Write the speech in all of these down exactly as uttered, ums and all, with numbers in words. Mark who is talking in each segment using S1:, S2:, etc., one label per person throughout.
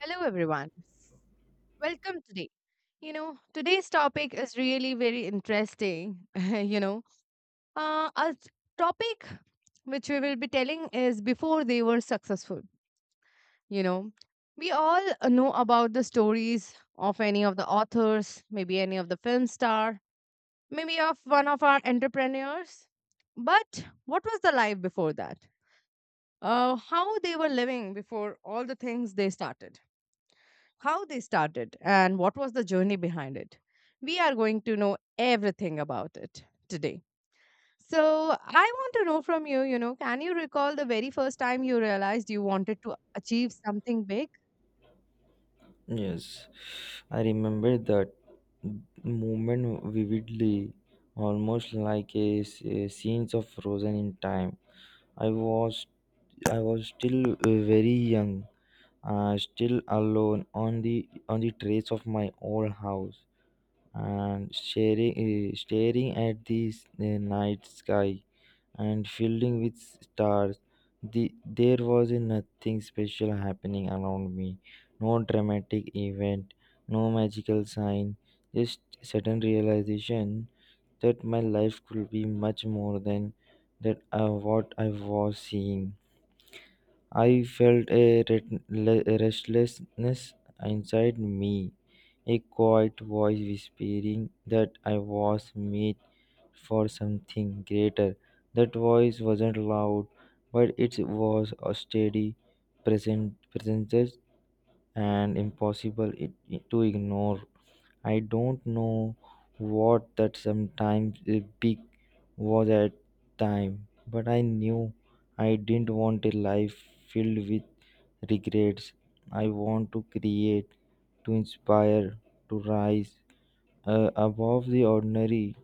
S1: Hello, everyone. Welcome today. You know, today's topic is really very interesting. you know, uh, a topic which we will be telling is before they were successful. You know, we all uh, know about the stories of any of the authors, maybe any of the film star, maybe of one of our entrepreneurs. But what was the life before that? Uh, how they were living before all the things they started? How they started, and what was the journey behind it. We are going to know everything about it today. So, I want to know from you, you know, can you recall the very first time you realized you wanted to achieve something big?
S2: Yes, I remember that moment vividly, almost like a, s- a scenes of frozen in time. I was I was still uh, very young, uh, still alone on the on the terrace of my old house, and sharing, uh, staring at the s- the night sky and filled with stars. The, there was nothing special happening around me, no dramatic event, no magical sign, just sudden realization that my life could be much more than that uh, what I was seeing. I felt a ret- le- restlessness inside me, a quiet voice whispering that I was made for something greater. That voice wasn't loud, but it was a steady present presence and impossible it, it to ignore. I don't know what that sometimes uh, big was at time, but I knew I didn't want a life filled with regrets. I want to create, to inspire, to rise, uh, above the ordinary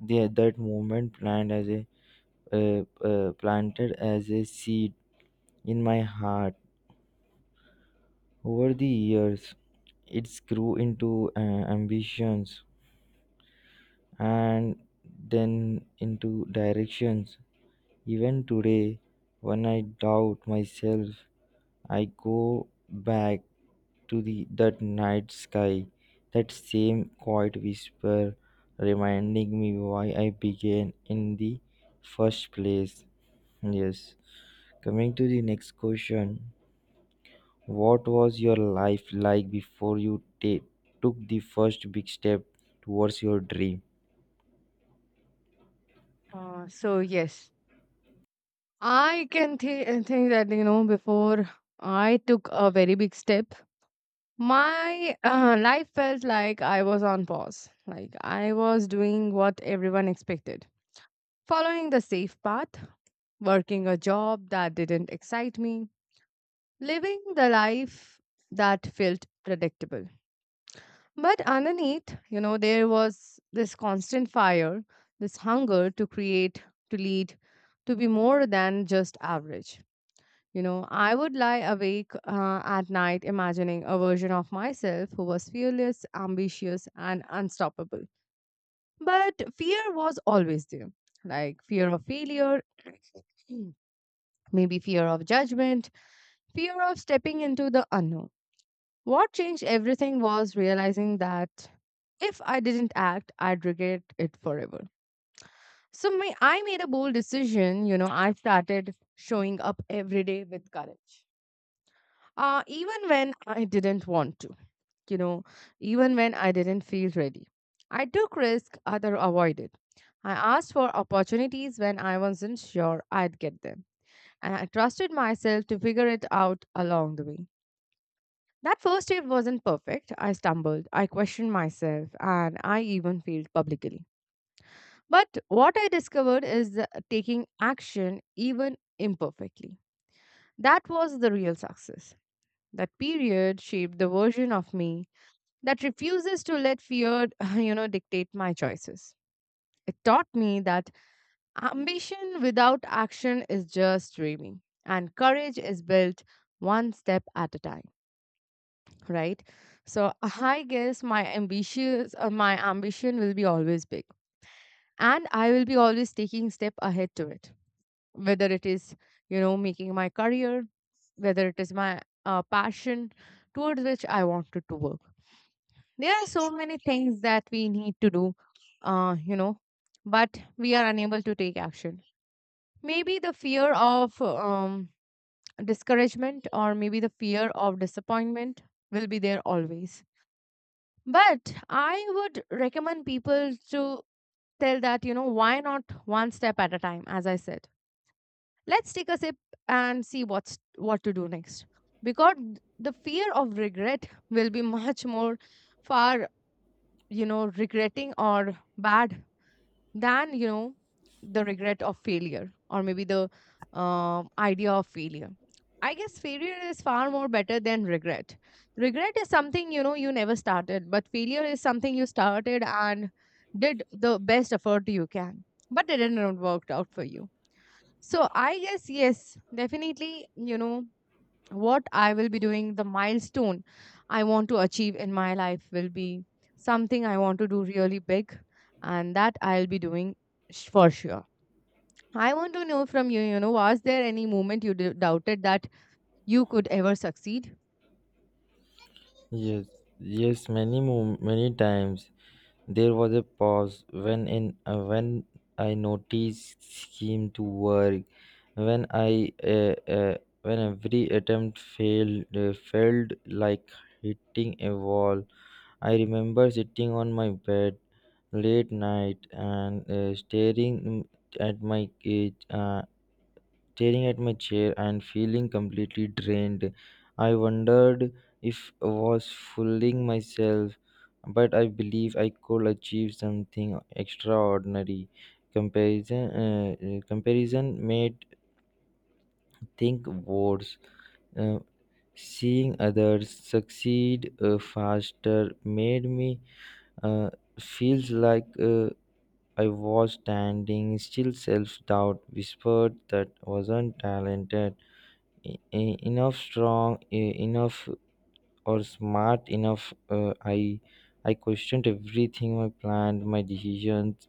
S2: the, that moment planned as a uh, uh, planted as a seed in my heart over the years it grew into uh, ambitions and then into directions even today when I doubt myself I go back to the that night sky, that same quiet whisper reminding me why I began in the first place. Yes. Coming to the next question, what was your life like before you ta- took the first big step towards your dream?
S1: Uh, so yes, I can thi- uh, think that you know before I took a very big step, my uh, life felt like I was on pause. Like I was doing what everyone expected, following the safe path, working a job that didn't excite me, living the life that felt predictable. But underneath, you know, there was this constant fire, this hunger to create, to lead, to be more than just average. You know, I would lie awake uh, at night imagining a version of myself who was fearless, ambitious, and unstoppable. But fear was always there, like fear of failure, maybe fear of judgment, fear of stepping into the unknown. What changed everything was realizing that if I didn't act, I'd regret it forever. So my, I made a bold decision. You know, I started showing up every day with courage, uh, even when I didn't want to. You know, even when I didn't feel ready. I took risk other avoided. I asked for opportunities when I wasn't sure I'd get them, and I trusted myself to figure it out along the way. That first date wasn't perfect. I stumbled, I questioned myself, and I even failed publicly. But what I discovered is the- taking action, even imperfectly. That was the real success. That period shaped the version of me that refuses to let fear, you know, dictate my choices. It taught me that ambition without action is just dreaming, and courage is built one step at a time. Right? So I guess my ambitious or my ambition will be always big, and I will be always taking step ahead to it. Whether it is you know making my career, whether it is my uh, passion towards which I wanted to work. There are so many things that we need to do, uh, you know, but we are unable to take action. Maybe the fear of um, discouragement or maybe the fear of disappointment will be there always. But I would recommend people to tell that, you know, why not one step at a time, as I said. Let's take a sip and see what's what to do next. Because the fear of regret will be much more far, you know, regretting or bad than you know the regret of failure or maybe the um idea of failure. I guess failure is far more better than regret. Regret is something you know you never started, but failure is something you started and did the best effort you can, but it didn't work out for you. So I guess yes, definitely, you know what I will be doing, the milestone I want to achieve in my life will be something I want to do really big, and that I'll be doing sh- for sure. I want to know from you, you know, was there any moment you d- doubted that you could ever succeed?
S2: Yes, yes, many mo. Many times. There was a pause when in uh, when I noticed him to work. When I uh, uh, when every attempt failed, uh, felt like hitting a wall. I remember sitting on my bed late night and uh, staring mm, at my cage. Uh, staring at my chair and feeling completely drained. I wondered if I was fooling myself, but I believe I could achieve something extraordinary. Comparison, uh, uh, comparison made think worse. Uh, Seeing others succeed uh, faster made me uh, feels like uh, I was standing still. Self doubt whispered that wasn't talented e- e- enough strong e- enough or smart enough, uh, I i questioned everything, my plan, my decisions,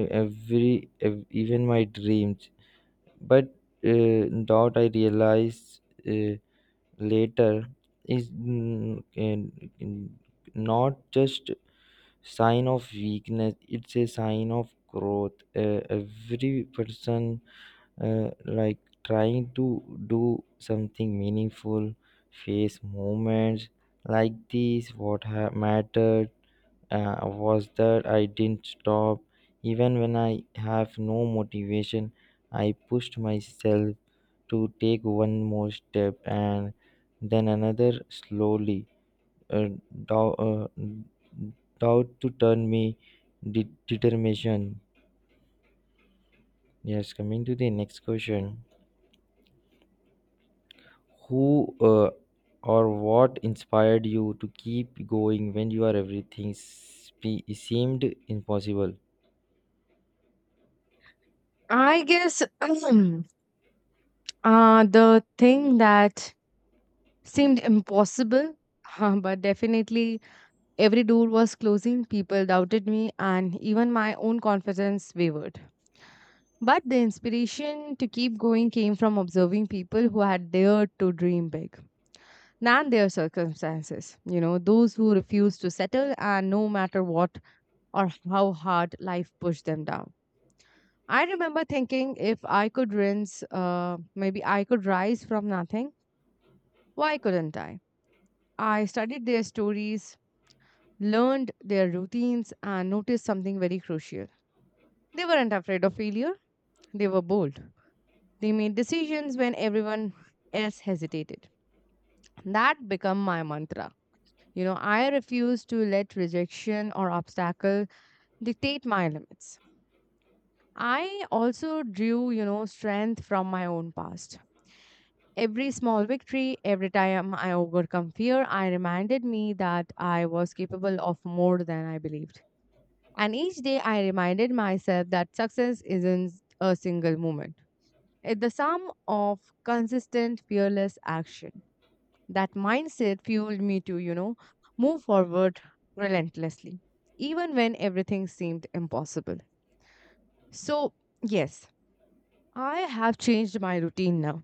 S2: e- every ev- even my dreams. But uh, that I realized uh, later is, mm, and- and not just sign of weakness, it's a sign of growth. Uh, every person, uh, like trying to do something meaningful, face moments like these. What ha- mattered uh, was that I didn't stop even when I have no motivation. I pushed myself to take one more step and then another, slowly. Uh, doubt, uh, doubt to turn me de- determination. Yes, coming to the next question, who uh, or what inspired you to keep going when you are everything spe- seemed impossible?
S1: I guess uh, the thing that seemed impossible, uh, but definitely every door was closing, people doubted me, and even my own confidence wavered. But the inspiration to keep going came from observing people who had dared to dream big, than their circumstances. You know, those who refused to settle, and no matter what or how hard life pushed them down. I remember thinking if I could rinse, uh, maybe I could rise from nothing, why couldn't I? I studied their stories, learned their routines and noticed something very crucial. They weren't afraid of failure, they were bold. They made decisions when everyone else hesitated. That became my mantra. You know, I refuse to let rejection or obstacle dictate my limits. I also drew, you know, strength from my own past. Every small victory, every time I overcome fear, I reminded me that I was capable of more than I believed. And each day I reminded myself that success isn't a single moment. It's the sum of consistent, fearless action. That mindset fueled me to, you know, move forward relentlessly, even when everything seemed impossible. So, yes, I have changed my routine now.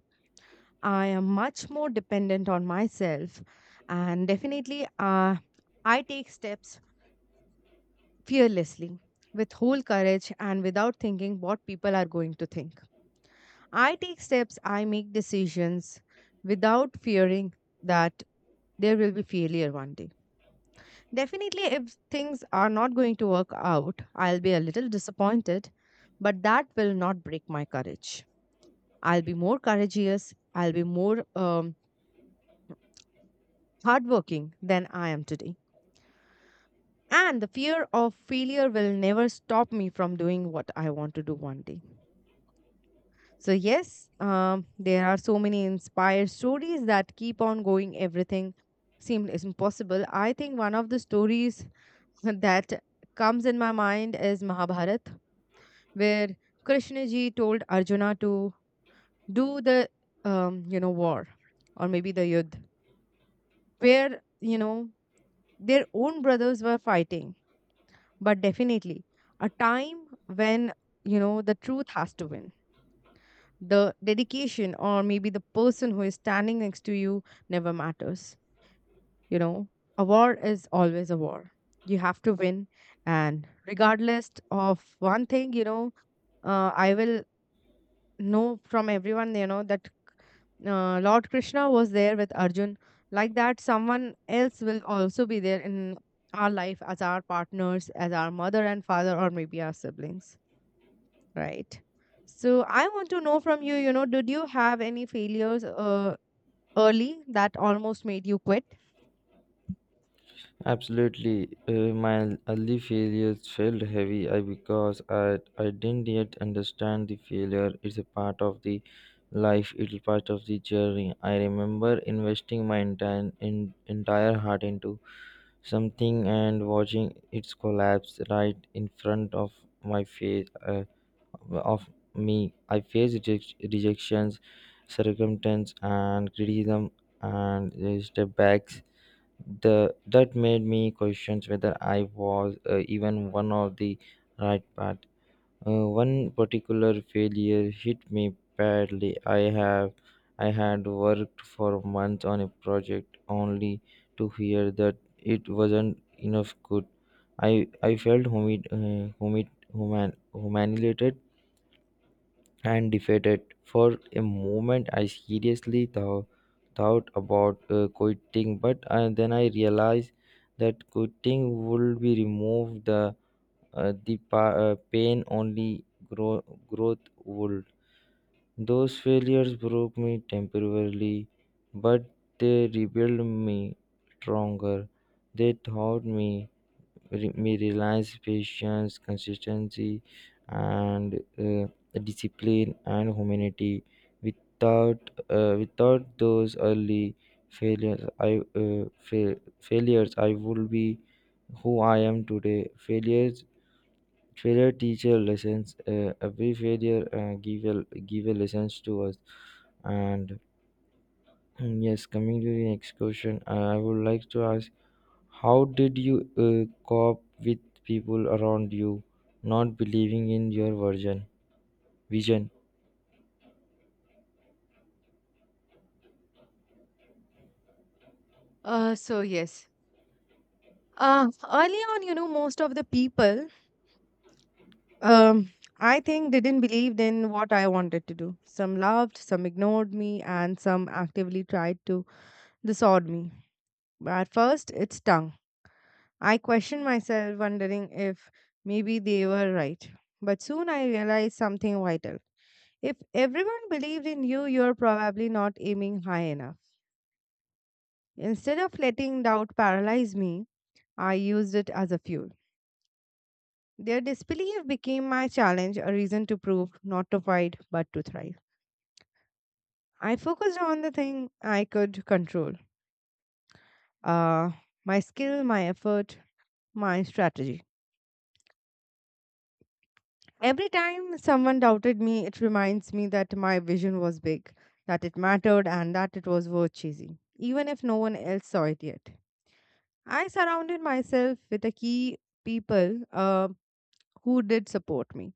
S1: I am much more dependent on myself, and definitely uh, I take steps fearlessly, with whole courage, and without thinking what people are going to think. I take steps, I make decisions without fearing that there will be failure one day. Definitely, if things are not going to work out, I'll be a little disappointed, but that will not break my courage. I'll be more courageous, I'll be more um, hardworking than I am today. And the fear of failure will never stop me from doing what I want to do one day. So, yes, um, there are so many inspired stories that keep on going. Everything seems impossible. I think one of the stories that comes in my mind is Mahabharata, where Krishna ji told Arjuna to do the, um, you know, war or maybe the yudh, where, you know, their own brothers were fighting. But definitely a time when, you know, the truth has to win. The dedication or maybe the person who is standing next to you never matters. You know a war is always a war. You have to win. And regardless of one thing, you know uh, I will know from everyone, you know that uh, Lord Krishna was there with Arjun. Like that, someone else will also be there in our life as our partners, as our mother and father, or maybe our siblings. Right. So I want to know from you, you know, did you have any failures uh, early that almost made you quit?
S2: Absolutely, uh, my early failures felt heavy, I, because I, I didn't yet understand the failure. It's a part of the life, it's part of the journey. I remember investing my entire, in, entire heart into something and watching its collapse right in front of my face. Uh, of me. I faced reject- rejections, circumstance, and criticism, and the step backs. The That made me question whether I was uh, even one of the right path. Uh, one particular failure hit me badly. I have I had worked for months on a project only to hear that it wasn't enough good. I I felt humid, uh, humid, human, humiliated and defeated. For a moment, I seriously thou- thought about uh, quitting, but uh, then I realized that quitting would be removed the uh, the pa- uh, pain. Only grow- growth would. Those failures broke me temporarily, but they rebuilt me stronger. They taught me re- me relies, patience, consistency, and uh, discipline and humanity. Without uh, without those early failures, i uh, fa- failures, I would be who I am today. Failures, failure teacher lessons, uh, every failure uh, give a give a lessons to us. And yes, coming to the next question, uh, I would like to ask, how did you uh, cope with people around you not believing in your version vision?
S1: Uh, so yes. Uh, early on, you know, most of the people, um, I think, didn't believe in what I wanted to do. Some loved, some ignored me, and some actively tried to dissuade me. At first, it stung. I questioned myself, wondering if maybe they were right. But soon I realized something vital. If everyone believed in you, you're probably not aiming high enough. Instead of letting doubt paralyze me, I used it as a fuel. Their disbelief became my challenge, a reason to prove, not to fight, but to thrive. I focused on the thing I could control, uh, my skill, my effort, my strategy. Every time someone doubted me, it reminds me that my vision was big, that it mattered, and that it was worth chasing, even if no one else saw it yet. I surrounded myself with a key people uh, who did support me.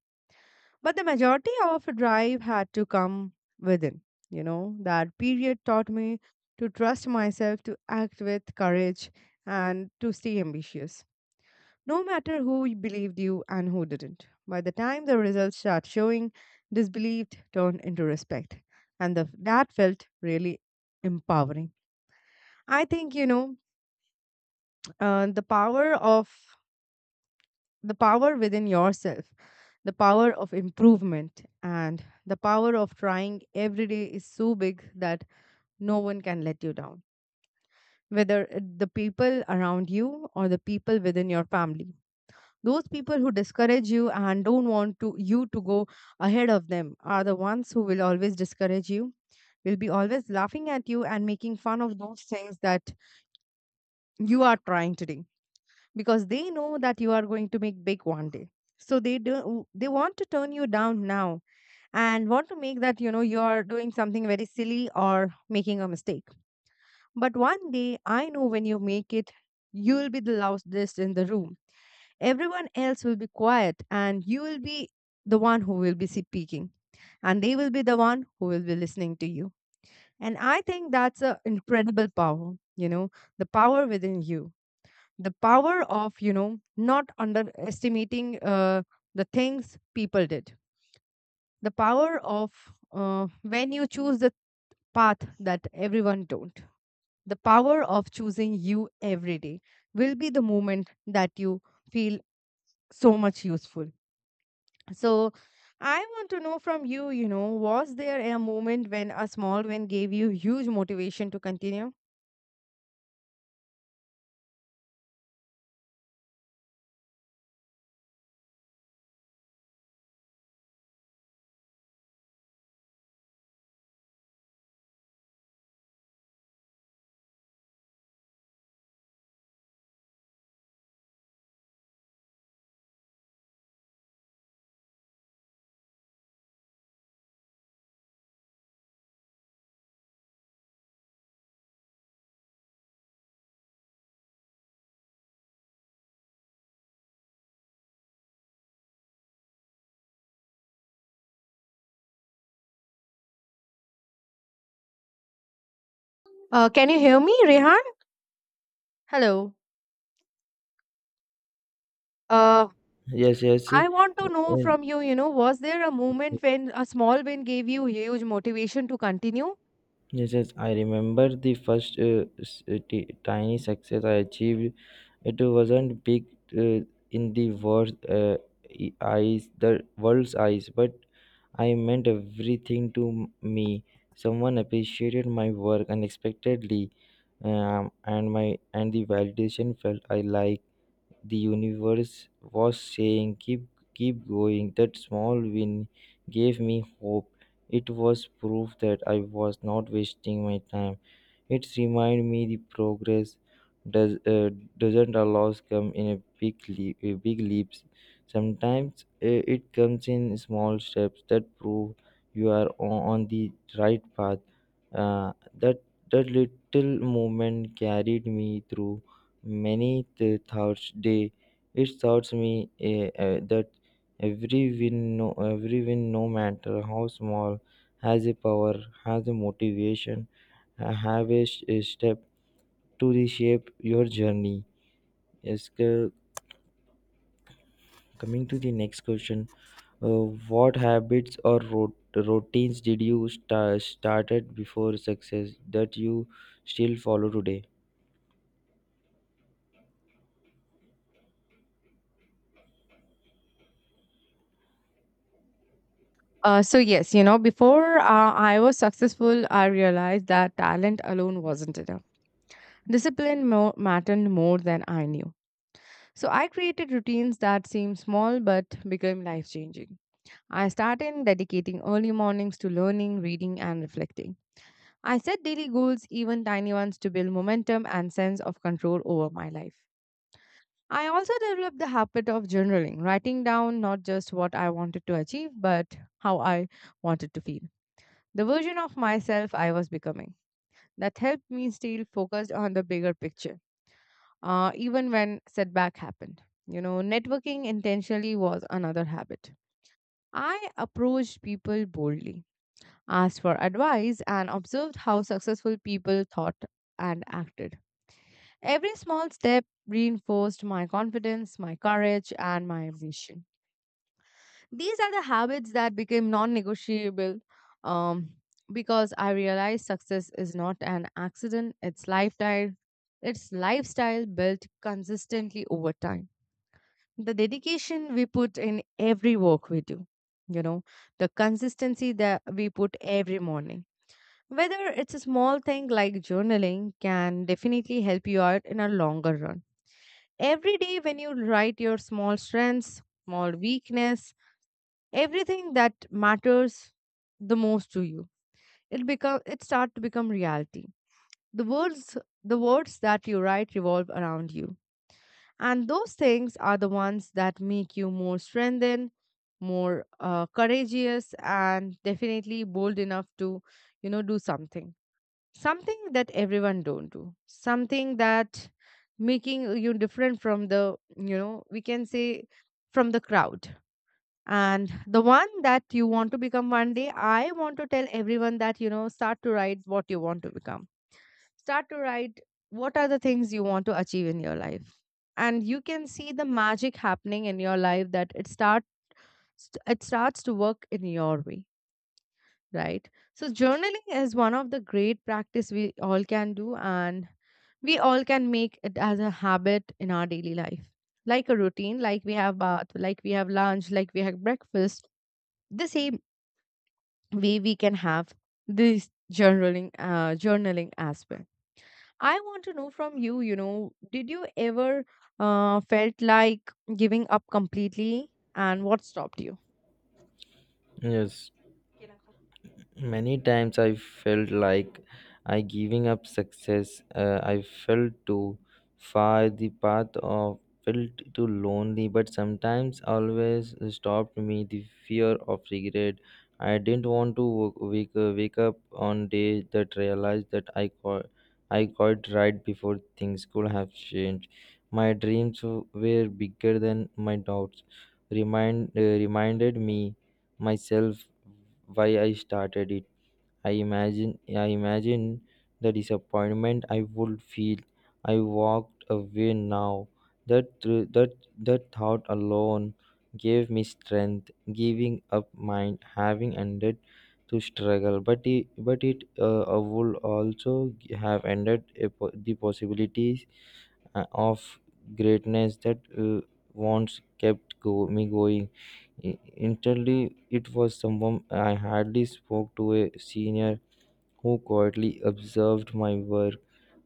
S1: But the majority of drive had to come within. You know, that period taught me to trust myself, to act with courage, and to stay ambitious no matter who believed you and who didn't. By the time the results start showing, disbelief turned into respect, and the, that felt really empowering. I think you know uh, the power of the power within yourself, the power of improvement, and the power of trying every day is so big that no one can let you down. Whether it- the people around you or the people within your family. Those people who discourage you and don't want to you to go ahead of them are the ones who will always discourage you, will be always laughing at you and making fun of those things that you are trying to do, because they know that you are going to make big one day. So they do they want to turn you down now and want to make that you know you are doing something very silly or making a mistake. But one day I know when you make it, you'll be the loudest in the room. Everyone else will be quiet and you will be the one who will be speaking, and they will be the one who will be listening to you. And I think that's an incredible power, you know the power within you, the power of you know not underestimating uh, the things people did, the power of uh, when you choose the path that everyone don't, the power of choosing you every day will be the moment that you feel so much useful. So I want to know from you, you know, was there a moment when a small win gave you huge motivation to continue? Uh, can you hear me, Rehan? Hello. Uh,
S2: Yes, yes, uh,
S1: I want to know from you, you know, was there a moment when a small win gave you huge motivation to continue?
S2: yes, yes. I remember the first uh, s- uh, ti- tiny success I achieved. It wasn't big uh, in the world uh, e- eyes, the world's eyes, but I meant everything to m- me. Someone appreciated my work unexpectedly, um, and my and the validation felt I like the universe was saying keep keep going. That small win gave me hope. It was proof that I was not wasting my time. It reminded me the progress does uh, doesn't always come in a big leap, a big leaps sometimes. Uh, it comes in small steps that prove you are on, on the right path. uh, that that little moment carried me through many the Thursday. It serves me eh, eh, that every win, no, every win, no matter how small, has a power, has a motivation, uh, have a, s- a step to reshape your journey. Yes, c- coming to the next question, uh, what habits or rot- routines did you sta started before success that you still follow today?
S1: Uh, so yes, you know, before uh, I was successful, I realized that talent alone wasn't enough. Discipline mo- mattered more than I knew. So I created routines that seemed small but became life changing. I started dedicating early mornings to learning, reading, and reflecting. I set daily goals, even tiny ones, to build momentum and sense of control over my life. I also developed the habit of journaling, writing down not just what I wanted to achieve, but how I wanted to feel. The version of myself I was becoming. That helped me stay focused on the bigger picture, uh, even when setback happened. You know, networking intentionally was another habit. I approached people boldly asked for advice, and observed how successful people thought and acted. Every small step reinforced my confidence, my courage, and my ambition. These are the habits that became non negotiable, um, because I realized success is not an accident, it's lifestyle. It's lifestyle built consistently over time. The dedication we put in every work we do, you know, the consistency that we put every morning whether it's a small thing like journaling can definitely help you out in a longer run. Every day, when you write your small strengths, small weakness, everything that matters the most to you, it become it start to become reality. The words the words that you write revolve around you, and those things are the ones that make you more strengthened, more uh, courageous, and definitely bold enough to, you know, do something something that everyone don't, do something that making you different from the, you know, we can say, from the crowd and the one that you want to become one day. I want to tell everyone that, you know, start to write what you want to become, start to write what are the things you want to achieve in your life, and you can see the magic happening in your life, that it start st- it starts to work in your way, right? So journaling is one of the great practice we all can do, and we all can make it as a habit in our daily life, like a routine, like we have bath, like we have lunch, like we have breakfast. The same way we can have this journaling uh, journaling as well. I want to know from you, you know, did you ever uh, felt like giving up completely, and what stopped you?
S2: Yes, many times I felt like I giving up. Success uh, I felt too far. The path of felt too lonely, but sometimes always stopped me the fear of regret. I didn't want to wo- wake, uh, wake up on day that realized that i caught I caught right before things could have changed. My dreams were bigger than my doubts, remind uh, reminded me myself why I started it. I imagine I imagine the disappointment I would feel. I walked away now. That thr- that That thought alone gave me strength. Giving up mind having ended to struggle, but it but it uh, uh, would also have ended a, po- the possibilities uh, of greatness that uh, once kept go, me going. I- Instantly, it was someone I hardly spoke to, a senior who quietly observed my work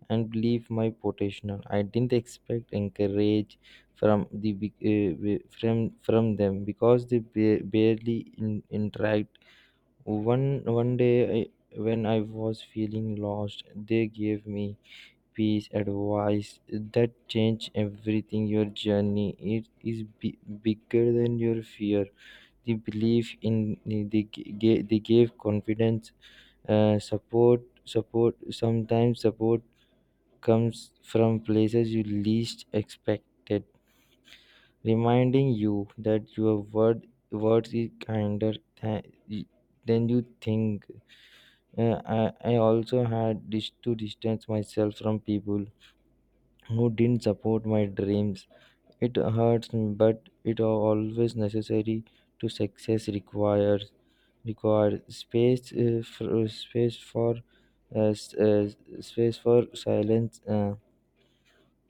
S2: and believed my potential. I didn't expect encourage from the big- uh, wi- from from them because they ba- barely in, interact. One one day, I, when I was feeling lost, they gave me peace advice that changed everything. Your journey it is bi- bigger than your fear. The belief in they, ga- they gave confidence, uh, support support sometimes support comes from places you least expected, reminding you that your word words is kinder than than you think. Uh, I, I also had dis- to distance myself from people who didn't support my dreams. It hurts me, but it always necessary to success. Requires required space uh, for uh, space for uh, s- uh, space for silence, uh,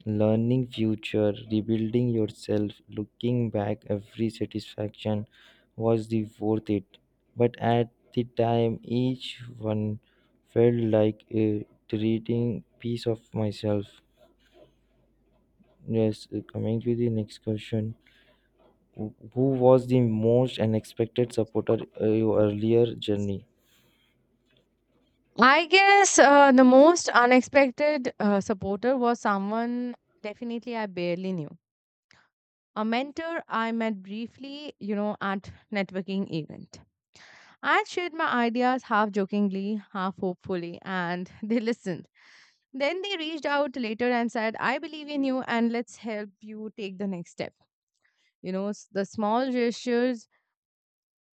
S2: learning, future, rebuilding yourself. Looking back, every satisfaction was the worth it, but at the time each one felt like a treating piece of myself. Yes, uh, coming to the next question, Wh- who was the most unexpected supporter uh, your earlier journey?
S1: I guess uh, the most unexpected uh, supporter was someone definitely I barely knew. A mentor I met briefly, you know, at networking event. I shared my ideas half jokingly, half hopefully, and they listened. Then they reached out later and said, "I believe in you, and let's help you take the next step." You know, s- the small gestures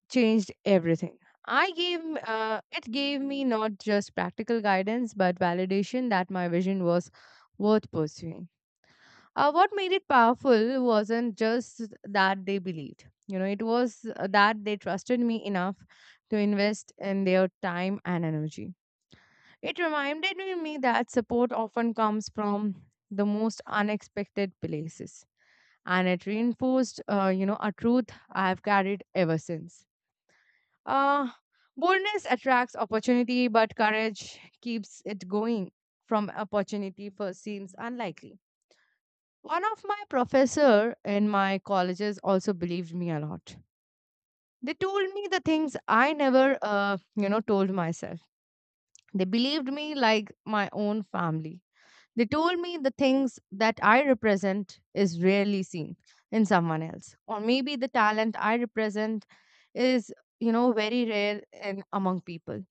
S1: changed everything. I gave m- uh, it gave me not just practical guidance but validation that my vision was worth pursuing. Uh, what made it powerful wasn't just that they believed. You know, it was uh, that they trusted me enough to invest in their time and energy. It reminded me that support often comes from the most unexpected places, and it reinforced, uh, you know, a truth I have carried ever since uh, Boldness attracts opportunity, but courage keeps it going from opportunity first seems unlikely. One of my professor in my colleges also believed me a lot. They told me the things I never, uh, you know, told myself. They believed me like my own family. They told me the things that I represent is rarely seen in someone else, or maybe the talent I represent is, you know, very rare in among people.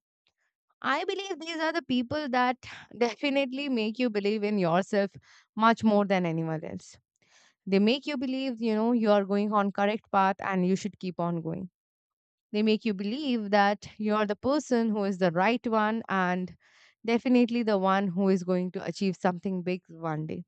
S1: I believe these are the people that definitely make you believe in yourself much more than anyone else. They make you believe, you know, you are going on correct path and you should keep on going. They make you believe that you are the person who is the right one and definitely the one who is going to achieve something big one day,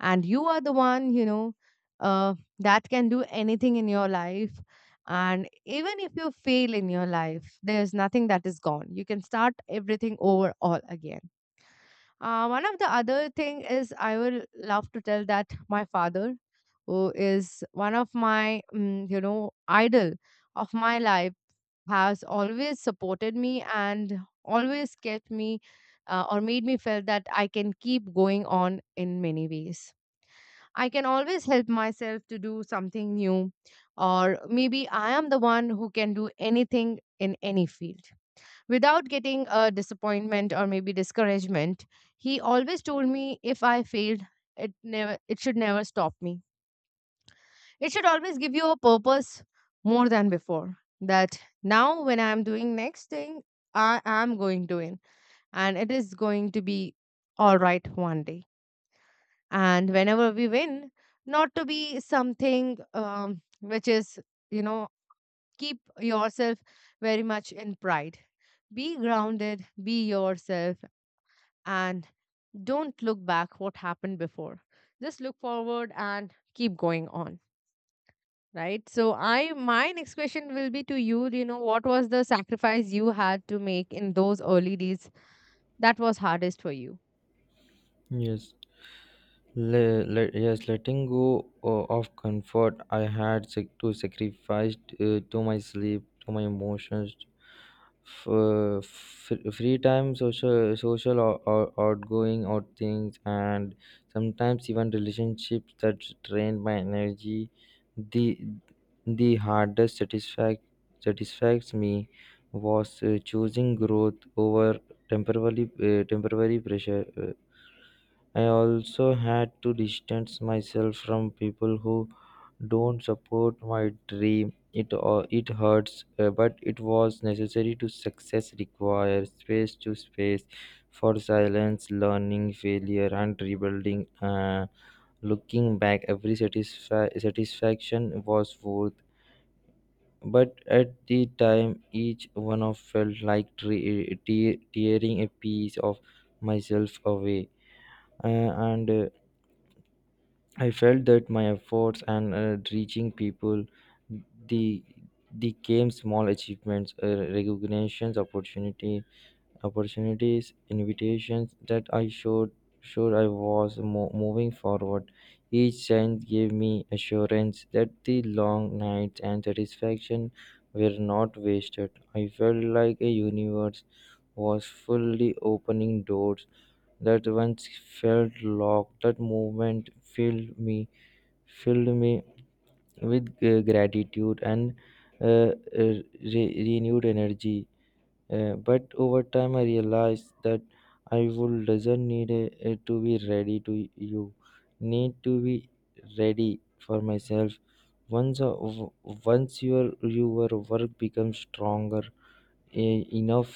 S1: and you are the one, you know, uh, that can do anything in your life, and even if you fail in your life there's nothing that is gone, you can start everything over all again. Uh, one of the other thing is I will love to tell that my father, who is one of my, mm, you know, idol of my life, has always supported me and always kept me, uh, or made me feel that I can keep going on in many ways. I can always help myself to do something new, or maybe I am the one who can do anything in any field. Without getting a disappointment or maybe discouragement, he always told me if I failed, it never it should never stop me. It should always give you a purpose more than before. That now when I am doing next thing, I am going to win and it is going to be all right one day, and whenever we win, not to be something, um, which is, you know, keep yourself very much in pride, be grounded, be yourself, and don't look back what happened before, just look forward and keep going on, right? So I my next question will be to you, you know, what was the sacrifice you had to make in those early days that was hardest for you?
S2: Yes, Le, let, yes, letting go uh, of comfort. I had sac- to sacrifice uh, to my sleep, to my emotions, f- uh, f- free time, social, social or, or outgoing or things, and sometimes even relationships that drain my energy. The the hardest satisfact satisfies me was uh, choosing growth over temporarily uh, temporary pressure. Uh, I also had to distance myself from people who don't support my dream. It uh, it hurts, uh, but it was necessary to success. Requires space to space for silence, learning, failure, and rebuilding. Uh, looking back, every satisfa- satisfaction was worth. But at the time, each one of felt like tre- te- tearing a piece of myself away. Uh, and uh, I felt that my efforts and uh, reaching people, the the came small achievements, uh, recognitions, opportunity, opportunities, invitations that I showed sure I was mo- moving forward. Each chance gave me assurance that the long nights and satisfaction were not wasted. I felt like a universe was fully opening doors that once felt locked. That movement filled me filled me with uh, gratitude and uh, re- renewed energy. Uh, but over time, I realized that I would doesn't need uh, uh, to be ready to you, need to be ready for myself. Once, uh, w- once your your work becomes stronger e- enough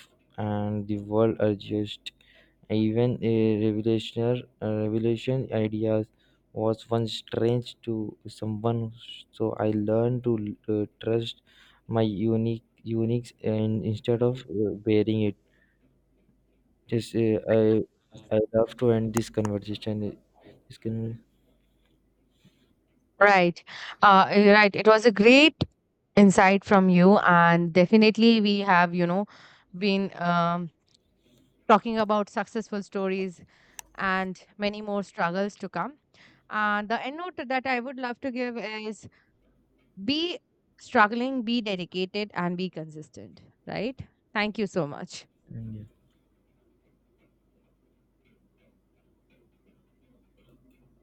S2: and the world adjust. Even a revolutionary a revolution ideas was once strange to someone, so I learned to uh, trust my unique unique, and instead of uh, bearing it, just uh, i I love to end this conversation uh, this conversation.
S1: Right. Uh, eh, right. It was a great insight from you, and definitely we have, you know, been um, talking about successful stories and many more struggles to come. And the end note that I would love to give is be struggling, be dedicated, and be consistent. Right. Thank you so much.